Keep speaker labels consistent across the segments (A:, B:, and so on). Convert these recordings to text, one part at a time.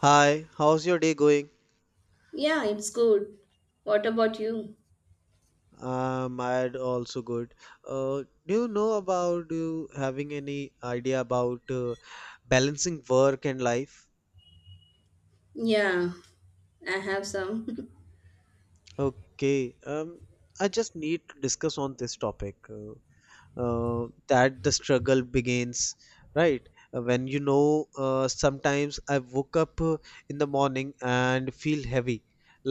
A: Hi, how's your day going?
B: Yeah, it's good. What about you?
A: Mine also good. Do you know about you having any idea about balancing work and life?
B: Yeah, I have some.
A: Okay, I just need to discuss on this topic. That the struggle begins right. When sometimes I woke up in the morning and feel heavy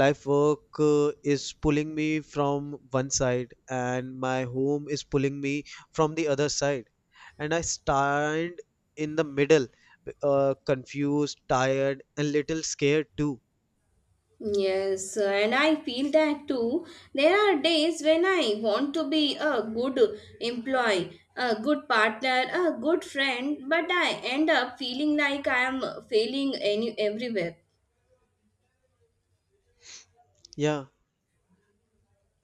A: life work is pulling me from one side, and my home is pulling me from the other side, and I stand in the middle, confused, tired, and little scared too.
B: Yes, and I feel that too. There are days when I want to be a good employee, a good partner, a good friend, but I end up feeling like I am failing any everywhere.
A: Yeah.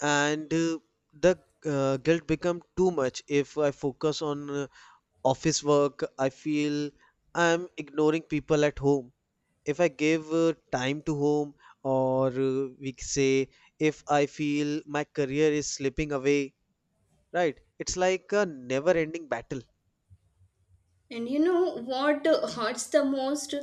A: And the guilt become too much. If I focus on office work, I feel I'm ignoring people at home. If I give time to home, or say if I feel my career is slipping away, right? It's like a never ending battle.
B: And you know what hurts the most?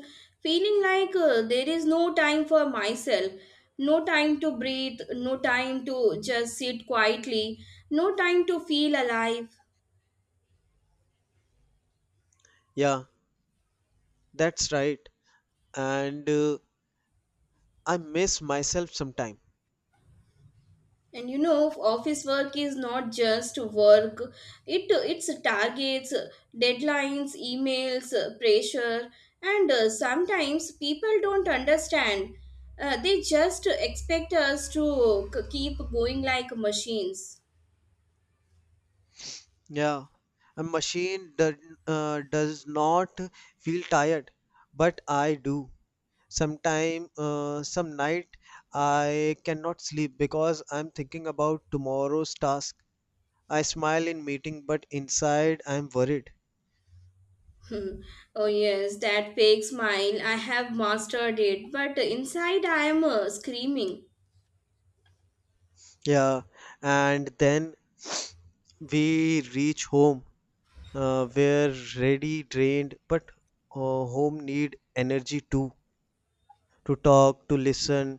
B: Feeling like there is no time for myself, no time to breathe, no time to just sit quietly, no time to feel alive.
A: Yeah, that's right. And I miss myself sometime.
B: And office work is not just work. It's targets, deadlines, emails, pressure, and sometimes people don't understand. They just expect us to keep going like machines.
A: Yeah, a machine does not feel tired, but I do. Sometime some night I cannot sleep because I'm thinking about tomorrow's task. I smile in meeting but inside I'm worried.
B: Hmm. Oh yes, that fake smile, I have mastered it, but inside I am screaming.
A: Yeah, and then we reach home, we're ready drained, but home need energy too, to talk, to listen,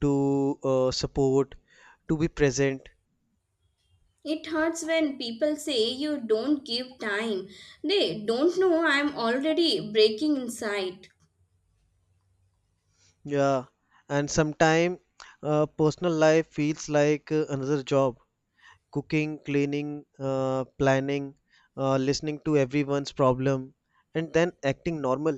A: to support, to be present.
B: It hurts when people say you don't give time. They don't know I'm already breaking inside.
A: Yeah, and sometime personal life feels like another job, cooking, cleaning, planning, listening to everyone's problem, and then acting normal.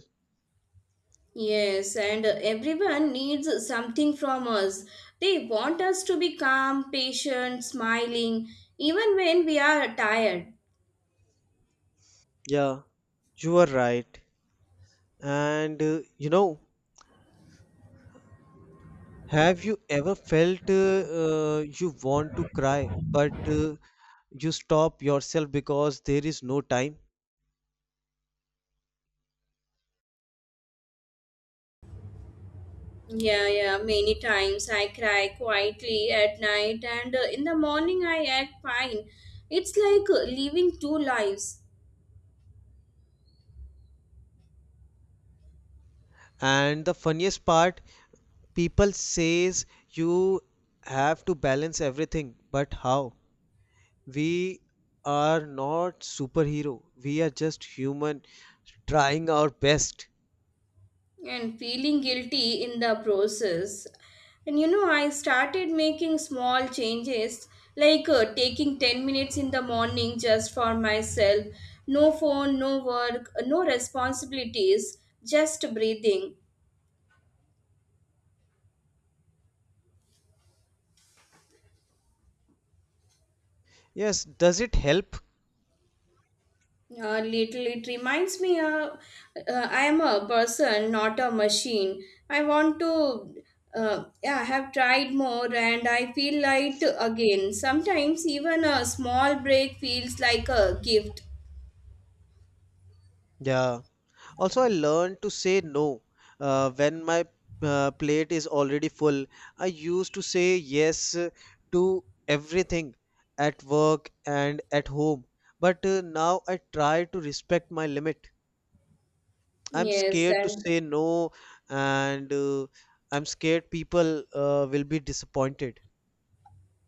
B: Yes, and everyone needs something from us. They want us to be calm, patient, smiling, even when we are tired.
A: Yeah, you are right. And have you ever felt you want to cry, but you stop yourself because there is no time?
B: Yeah, yeah, many times I cry quietly at night and in the morning I act fine. It's like living two lives
A: And the funniest part, people says you have to balance everything, but how? We are not superhero, we are just human, trying our best.
B: and feeling guilty in the process. And I started making small changes like taking 10 minutes in the morning just for myself. No phone, no work, no responsibilities, just breathing.
A: Yes, does it help?
B: Little, it reminds me, I am a person, not a machine. I want to, yeah, I have tried more and I feel light again. Sometimes even a small break feels like a gift.
A: Yeah, also I learned to say no when my plate is already full. I used to say yes to everything, at work and at home, but now I try to respect my limit. I'm
B: Yes,
A: scared to
B: and
A: say no, and I'm scared people will be disappointed.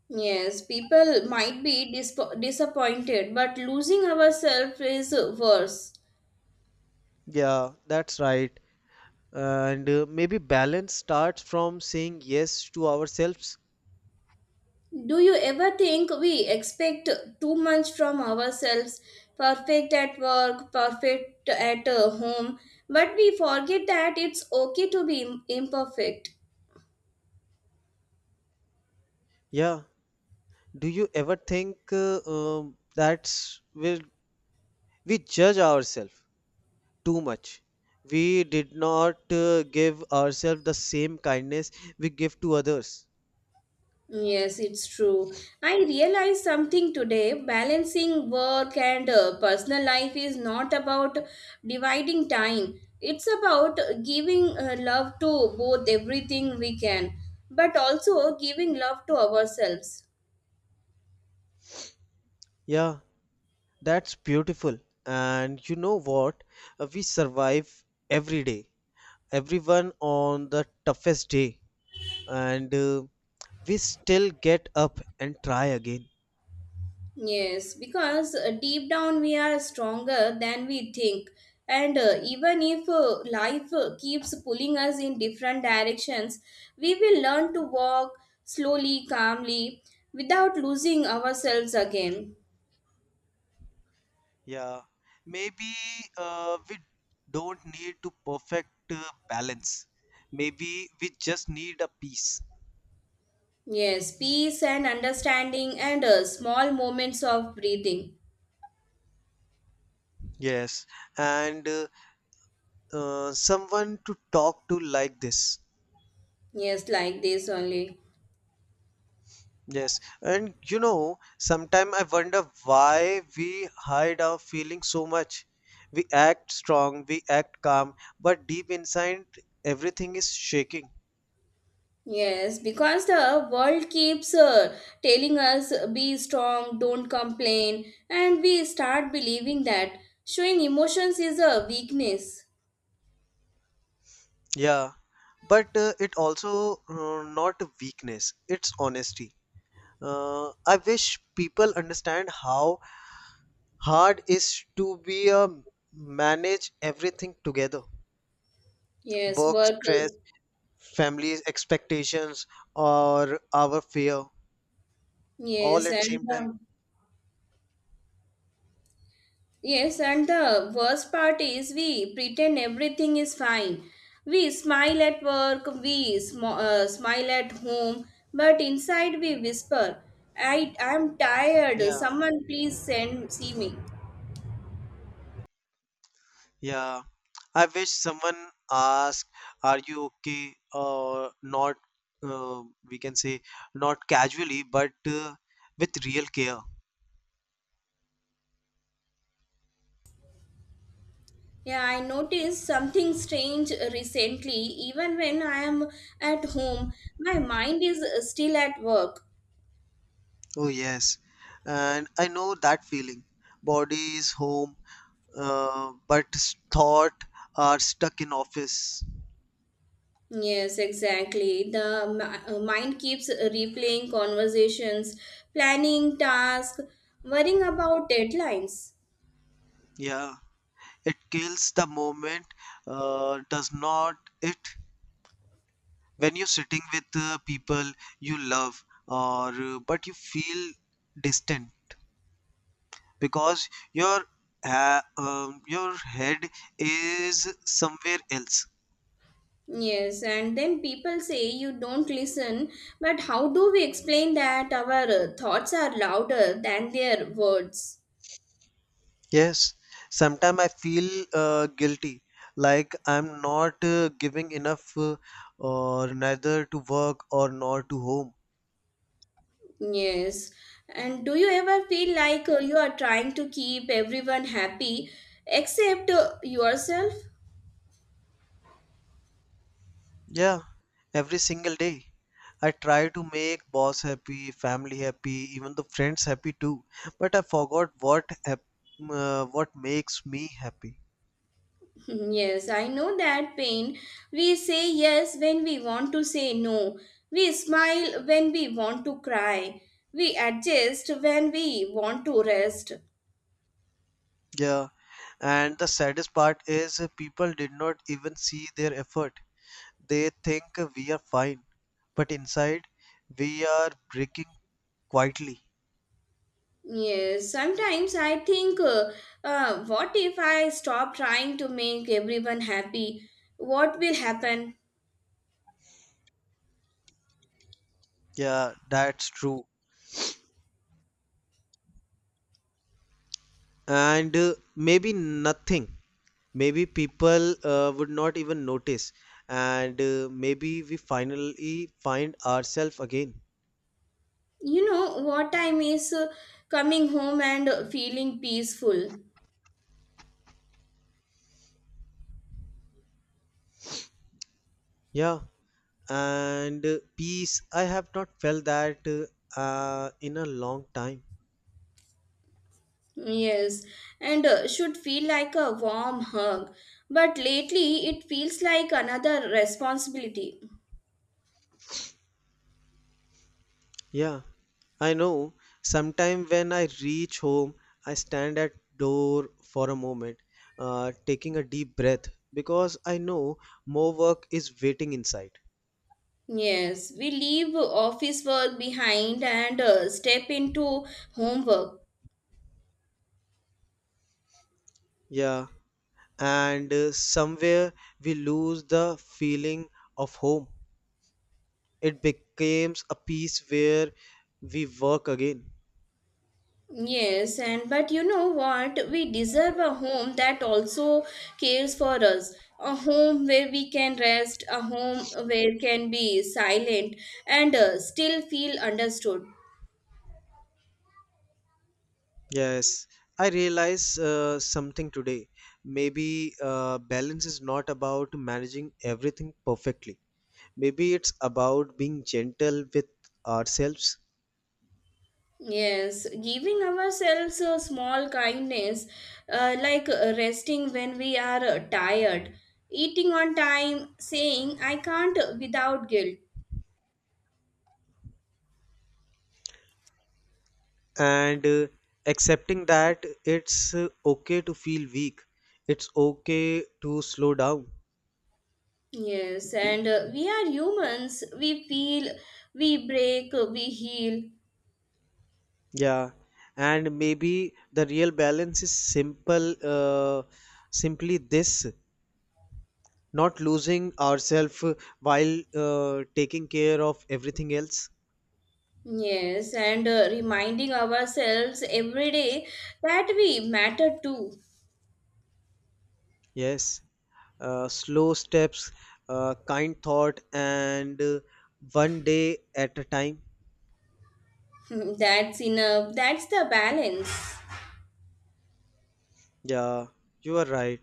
B: yes, people might be disappointed, but losing ourselves is worse.
A: Yeah, that's right. And maybe balance starts from saying yes to ourselves.
B: Do you ever think we expect too much from ourselves? Perfect at work, perfect at home, but we forget that it's okay to be imperfect.
A: Yeah. Do you ever think that's will we judge ourselves too much? We did not give ourselves the same kindness we give to others.
B: Yes, it's true. I realized something today. Balancing work and personal life is not about dividing time, it's about giving love to both everything we can, but also giving love to ourselves.
A: Yeah, that's beautiful. And you know what? We survive every day. Everyone on the toughest day, and we still get up and try again.
B: Yes, because deep down we are stronger than we think. And even if life keeps pulling us in different directions, we will learn to walk slowly, calmly, without losing ourselves again.
A: Yeah, maybe we don't need to perfect balance. Maybe we just need a peace.
B: Yes, peace and understanding and small moments of breathing.
A: Yes, and someone to talk to like this.
B: Yes, like this only.
A: Yes, and sometimes I wonder why we hide our feelings so much. We act strong, we act calm, but deep inside, everything is shaking.
B: Yes, because the world keeps telling us be strong, don't complain, and we start believing that showing emotions is a weakness.
A: Yeah, but it also not weakness, it's honesty. I wish people understand how hard is to be a manage everything together.
B: Yes,
A: Work
B: work.
A: stress, family's expectations, or our fear, all
B: Yes,
A: at
B: and
A: same time.
B: yes, and the worst part is we pretend everything is fine. We smile at work, we smile at home, but inside we whisper, "I am tired.
A: Yeah,
B: Someone please send see me."
A: yeah. I wish someone ask, "Are you okay?" or not. Uh, we can say not casually, but with real care.
B: Yeah, I noticed something strange recently. Even when I am at home, my mind is still at work.
A: Oh, yes. And I know that feeling. Body is home, but thought are stuck in office.
B: Yes, exactly. The mind keeps replaying conversations, planning tasks, worrying about deadlines.
A: Yeah. It kills the moment, does not it? When you're sitting with people you love, or but you feel distant because your ha your head is somewhere else.
B: Yes, and then people say you don't listen, but how do we explain that our thoughts are louder than their words?
A: Yes, sometimes I feel guilty, like I'm not giving enough, or neither to work or nor to home.
B: Yes. And do you ever feel like you are trying to keep everyone happy except yourself?
A: Yeah, every single day. I try to make boss happy, family happy, even the friends happy too. But I forgot what makes me happy.
B: Hmm, yes, I know that pain. We say yes when we want to say no. We smile when we want to cry. We adjust when we want to rest.
A: Yeah, and the saddest part is people did not even see their effort. They think we are fine, but inside we are breaking quietly.
B: Yes, sometimes I think, what if I stop trying to make everyone happy? What will happen?
A: Yeah, that's true. And maybe nothing. Maybe people would not even notice. And maybe we finally find ourselves again.
B: You know what time is coming home and feeling peaceful.
A: Yeah. And peace. I have not felt that in a long time.
B: Yes, and should feel like a warm hug, but lately it feels like another responsibility.
A: Yeah, I know. Sometime when I reach home, I stand at door for a moment, taking a deep breath because I know more work is waiting inside.
B: Yes, we leave office work behind and step into homework.
A: Yeah, and somewhere we lose the feeling of home. It becomes a piece where we work again.
B: Yes, and but you know what? We deserve a home that also cares for us. A home where we can rest, a home where can be silent and still feel understood.
A: Yes, I realize something today. Maybe balance is not about managing everything perfectly. Maybe it's about being gentle with ourselves,
B: Yes, giving ourselves a small kindness, like resting when we are tired, eating on time, saying I can't without guilt.
A: and accepting that it's okay to feel weak. It's okay to slow down.
B: Yes, and we are humans. We feel, we break, we heal.
A: Yeah. And maybe the real balance is simply this, not losing ourselves while taking care of everything else.
B: Yes, and reminding ourselves every day that we matter too.
A: Yes. Slow steps, kind thought, and one day at a time.
B: That's enough. That's the balance.
A: Yeah, you are right.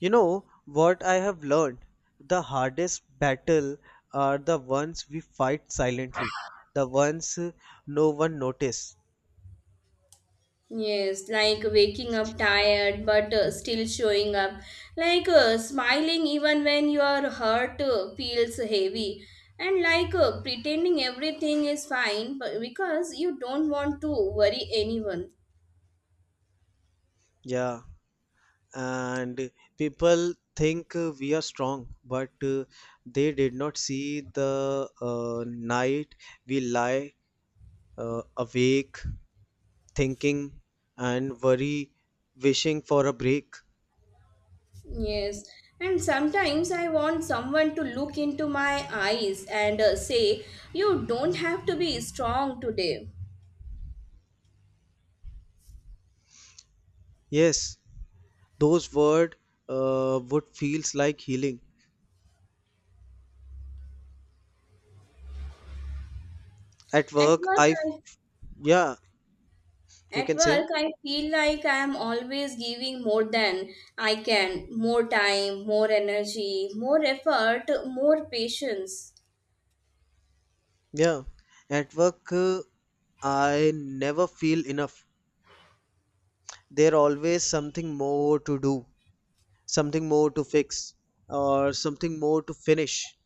A: You know what I have learned? The hardest battle are the ones we fight silently, the ones no one notice.
B: Yes, like waking up tired but still showing up. Like smiling even when your heart feels heavy. And like pretending everything is fine but because you don't want to worry anyone.
A: Yeah, and people think we are strong, but they did not see the night we lie awake, thinking and worry, wishing for a break.
B: Yes, and sometimes I want someone to look into my eyes and say, "You don't have to be strong today."
A: Yes, those words would feels like healing. At
B: At
A: work,
B: work, I,
A: yeah, you
B: at
A: can say.
B: work, I feel like I am always giving more than I can, more time, more energy, more effort, more patience.
A: Yeah. At work, I never feel enough. There always something more to do, something more to fix, or something more to finish.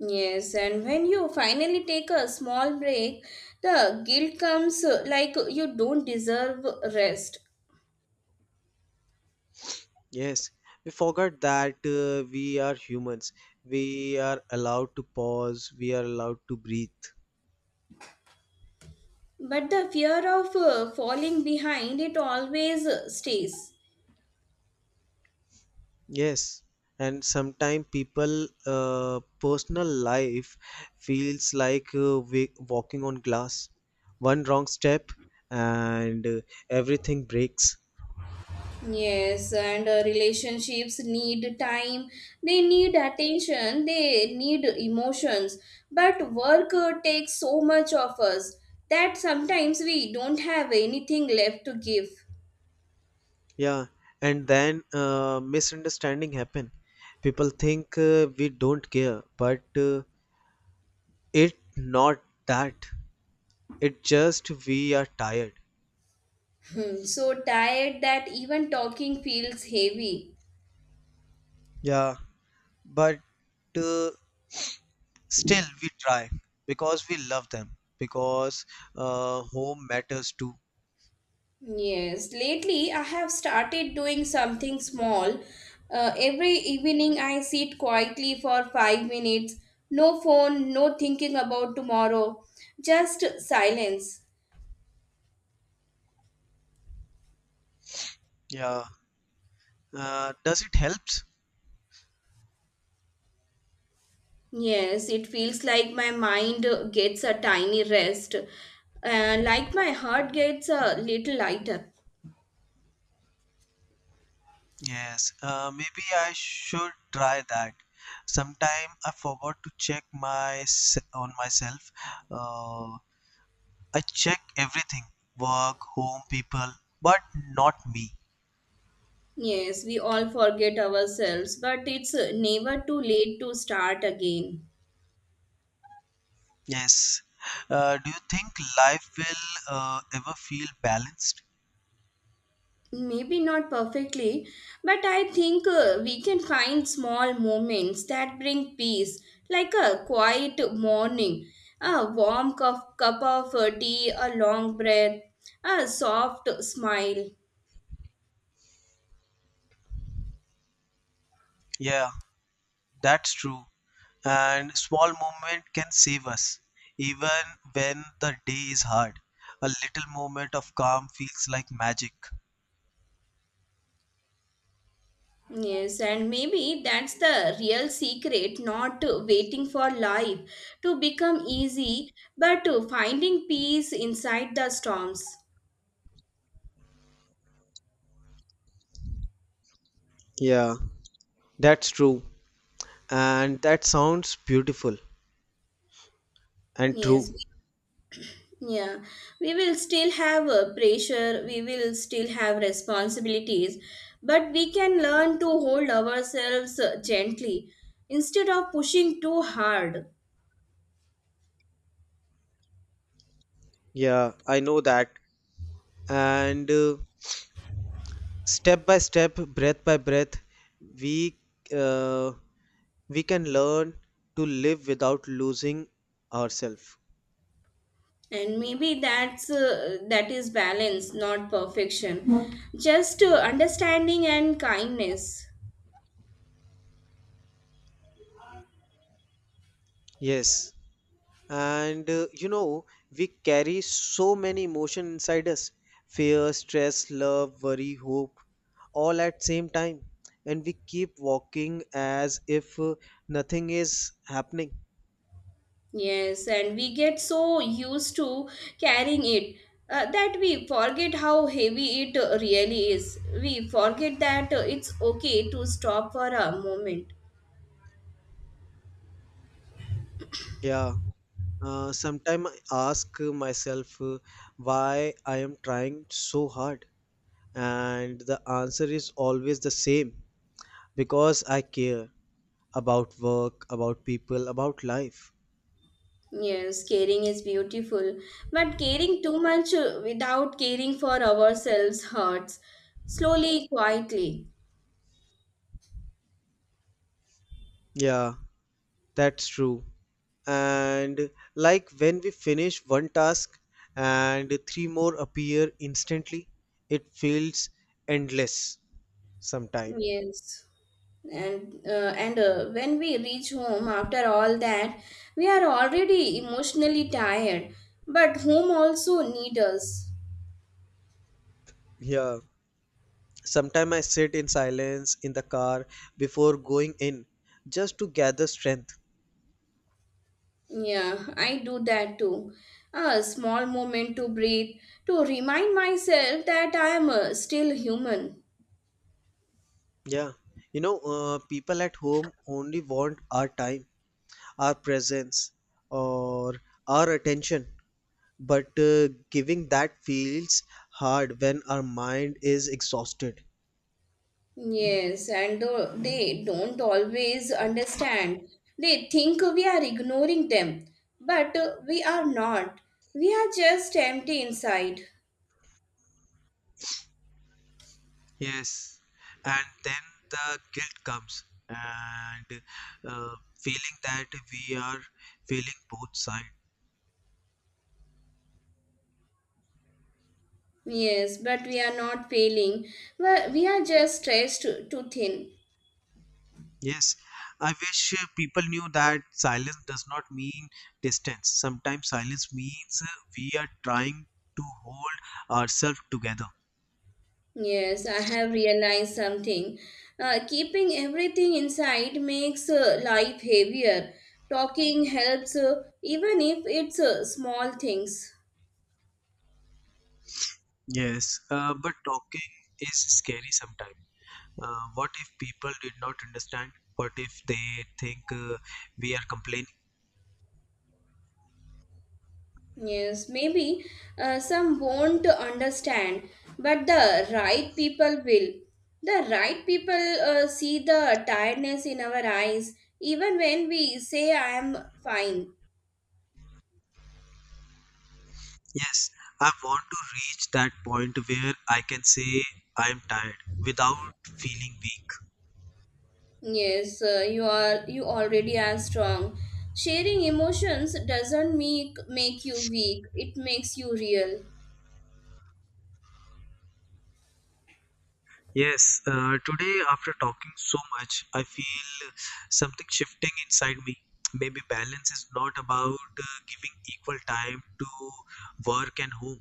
B: Yes, and when you finally take a small break, the guilt comes like you don't deserve rest.
A: Yes, we forgot that we are humans. We are allowed to pause. We are allowed to breathe.
B: But the fear of falling behind it always stays.
A: Yes, and sometimes people personal life feels like walking on glass. One wrong step, and everything breaks.
B: Yes, and relationships need time, they need attention, they need emotions. But work takes so much of us that sometimes we don't have anything left to give.
A: Yeah, and then misunderstanding happen. People think we don't care, but it not that. It just we are tired.
B: So tired that even talking feels heavy.
A: Yeah, but uh, still, we try because we love them, because home matters too.
B: Yes, lately I have started doing something small. Every evening I sit quietly for 5 minutes. No phone, no thinking about tomorrow, just silence.
A: Yeah. Does it helps?
B: Yes, it feels like my mind gets a tiny rest, like my heart gets a little lighter.
A: Yes. Maybe I should try that. Sometime I forgot to check on myself. Uh, I check everything, work, home, people, but not me.
B: Yes, we all forget ourselves, but it's never too late to start again.
A: Yes. Do you think life will ever feel balanced?
B: Maybe not perfectly, but I think we can find small moments that bring peace, like a quiet morning, a warm cup of tea, a long breath, a soft smile.
A: Yeah, that's true. And small movement can save us even when the day is hard, a little moment of calm feels like magic.
B: Yes, and maybe that's the real secret not waiting for life to become easy, but finding peace inside the storms.
A: Yeah, that's true. And that sounds beautiful and true.
B: Yes, yeah, we will still have pressure, we will still have responsibilities, but we can learn to hold ourselves gently instead of pushing too hard.
A: Yeah, I know that. And step by step, breath by breath, we uh, we can learn to live without losing ourselves.
B: And maybe that is balance, not perfection. Just understanding and kindness.
A: Yes. And we carry so many emotions inside us, fear, stress, love, worry, hope, all at same time. And we keep walking as if nothing is happening.
B: Yes, and we get so used to carrying it that we forget how heavy it really is. We forget that it's okay to stop for a moment.
A: Yeah. Sometimes I ask myself why I am trying so hard. And the answer is always the same, because I care about work, about people, about life.
B: Yes, caring is beautiful, but caring too much without caring for ourselves hurts. Slowly, quietly.
A: Yeah, that's true. And like when we finish one task and three more appear instantly, it feels endless sometime.
B: Yes. And when we reach home after all that, we are already emotionally tired, but home also need us.
A: Yeah, sometime I sit in silence in the car before going in, just to gather strength.
B: Yeah, I do that too. A small moment to breathe, to remind myself that I am still human.
A: Yeah, people at home only want our time, our presence, or our attention, but giving that feels hard when our mind is exhausted.
B: Yes, and they don't always understand. They think we are ignoring them, but we are not. We are just empty inside.
A: Yes, and then the guilt comes, and uh, feeling that we are feeling both sides.
B: Yes, but we are not failing. Well, we are just stretched too, too thin.
A: Yes, I wish people knew that silence does not mean distance. Sometimes silence means we are trying to hold ourselves together.
B: Yes, I have realized something. Keeping everything inside makes life heavier. Talking helps, even if it's small things.
A: Yes, but talking is scary sometimes. What if people did not understand? What if they think we are complaining?
B: Yes, maybe some won't understand, but the right people will. The right people see the tiredness in our eyes, even when we say, I am fine.
A: Yes, I want to reach that point where I can say I'm tired without feeling weak.
B: Yes, you already are strong. Sharing emotions doesn't make you weak. It makes you real.
A: Yes, today after talking so much, I feel something shifting inside me. Maybe balance is not about giving equal time to work and home.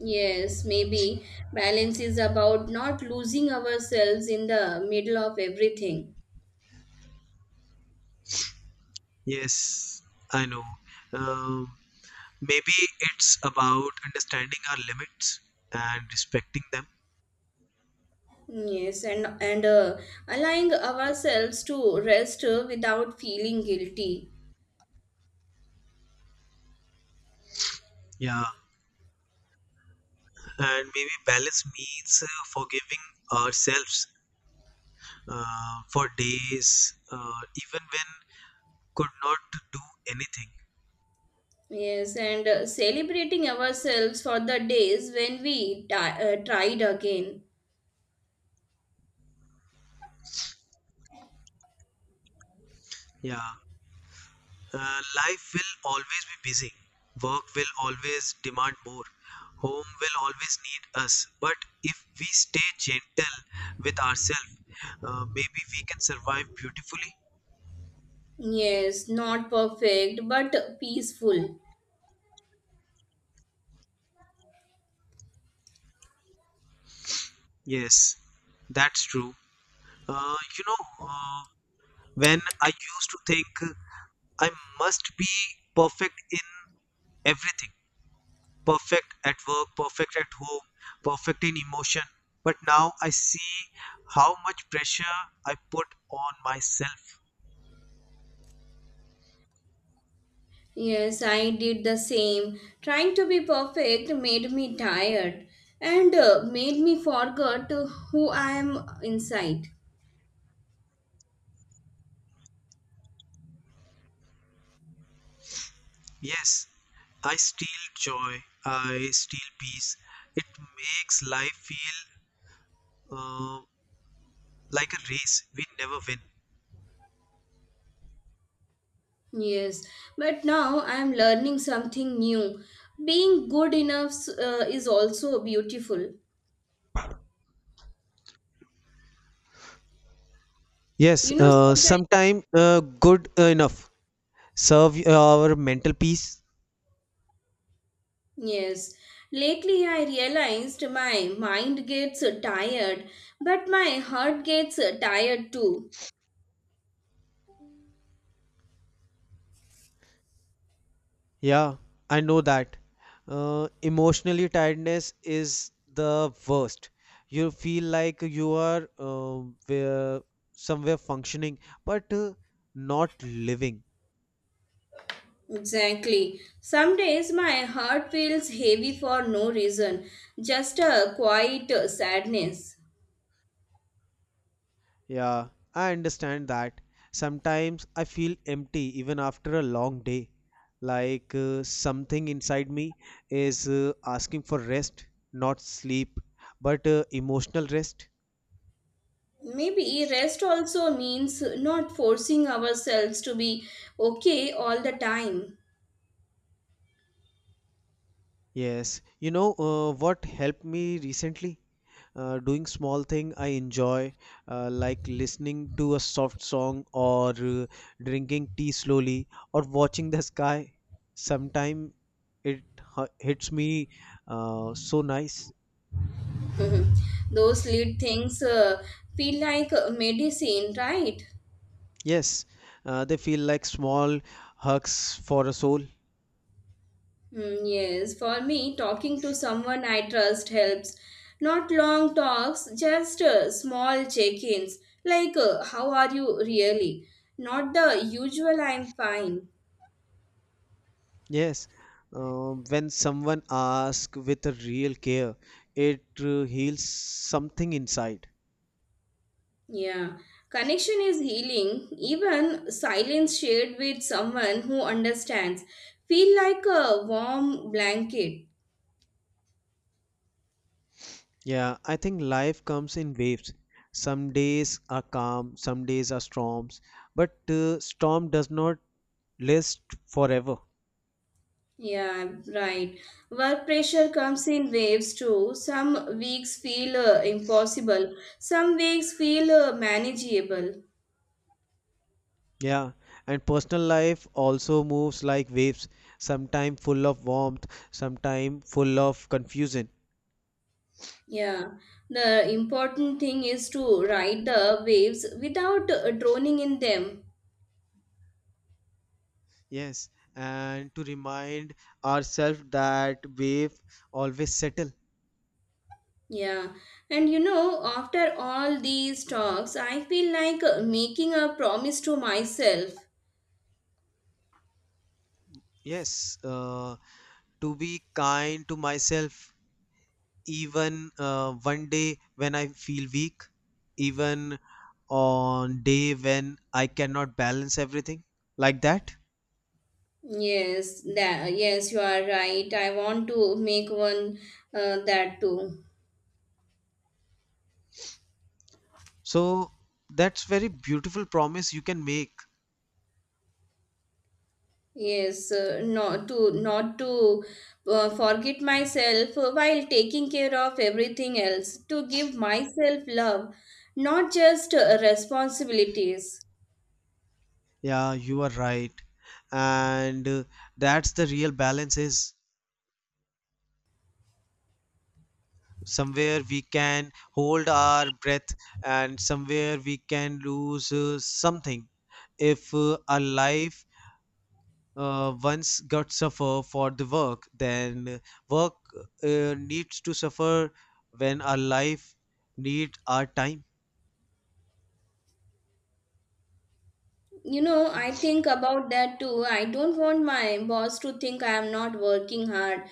B: Yes, maybe balance is about not losing ourselves in the middle of everything.
A: Yes, I know. Um, Maybe it's about understanding our limits and respecting them.
B: Yes, and allowing ourselves to rest without feeling guilty.
A: Yeah, and maybe balance means forgiving ourselves for days, even when could not do anything.
B: Yes, and celebrating ourselves for the days when we tried again.
A: Yeah, uh, life will always be busy. Work will always demand more. Home will always need us. But if we stay gentle with ourselves, maybe we can survive beautifully.
B: Yes, not perfect, but peaceful.
A: Yes, that's true. Uh, you know, uh, when I used to think I must be perfect in everything, perfect at work, perfect at home, perfect in emotion. But now I see how much pressure I put on myself.
B: Yes, I did the same. Trying to be perfect made me tired and made me forget who I am inside.
A: Yes, I steal joy, I steal peace. It makes life feel uh, like a race we never win.
B: Yes, but now I am learning something new. Being good enough is also beautiful.
A: Yes,
B: Sometimes,
A: sometime good enough serve our mental peace.
B: yes, lately I realized my mind gets tired, but my heart gets tired too.
A: Yeah, I know that. Emotionally tiredness is the worst. You feel like you are somewhere functioning, but not living.
B: Exactly. Some days my heart feels heavy for no reason, just a quiet sadness.
A: Yeah, I understand that. Sometimes I feel empty even after a long day. Like something inside me is asking for rest, not sleep, but emotional rest.
B: Maybe rest also means not forcing ourselves to be okay all the time.
A: Yes, you know what helped me recently? Doing small thing I enjoy, like listening to a soft song, or drinking tea slowly, or watching the sky. Sometime it hits me so nice.
B: Those little things feel like medicine, right?
A: Yes, they feel like small hugs for a soul.
B: Mm, yes, for me, talking to someone I trust helps. Not long talks, just small check ins, like how are you really? Not the usual I'm fine.
A: Yes, when someone asks with a real care, it heals something inside.
B: Yeah, connection is healing. Even silence shared with someone who understands feel like a warm blanket.
A: Yeah, I think life comes in waves. Some days are calm, some days are storms, but storm does not last forever.
B: Yeah, right. Work pressure comes in waves too. Some weeks feel impossible, some weeks feel manageable.
A: Yeah, and personal life also moves like waves, sometime full of warmth, sometime full of confusion.
B: Yeah, the important thing is to ride the waves without drowning in them.
A: Yes, and to remind ourselves that wave always settle.
B: Yeah, and after all these talks, I feel like making a promise to myself.
A: Yes, to be kind to myself, even one day when I feel weak, even on day when I cannot balance everything like that.
B: Yes, that yes, you are right. I want to make one that too.
A: So that's very beautiful promise you can make.
B: Yes, not to forget myself while taking care of everything else, to give myself love, not just responsibilities.
A: Yeah, you are right. And that's the real balance, is somewhere we can hold our breath, and somewhere we can lose something. If our life once got suffer for the work, then work needs to suffer when our life need our time.
B: I think about that too. I don't want my boss to think I am not working hard,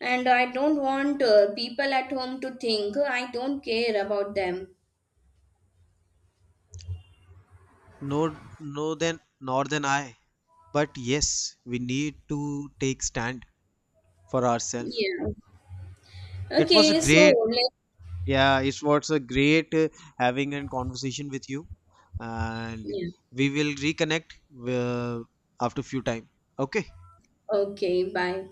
B: and I don't want people at home to think I don't care about them.
A: No, no, then nor than I. But yes, we need to take stand for ourselves.
B: Yeah.
A: It was a
B: Okay, so
A: great
B: let
A: Yeah, it was a great having a conversation with you, and
B: yeah.
A: we will reconnect uh, after few time. Okay.
B: Okay, bye.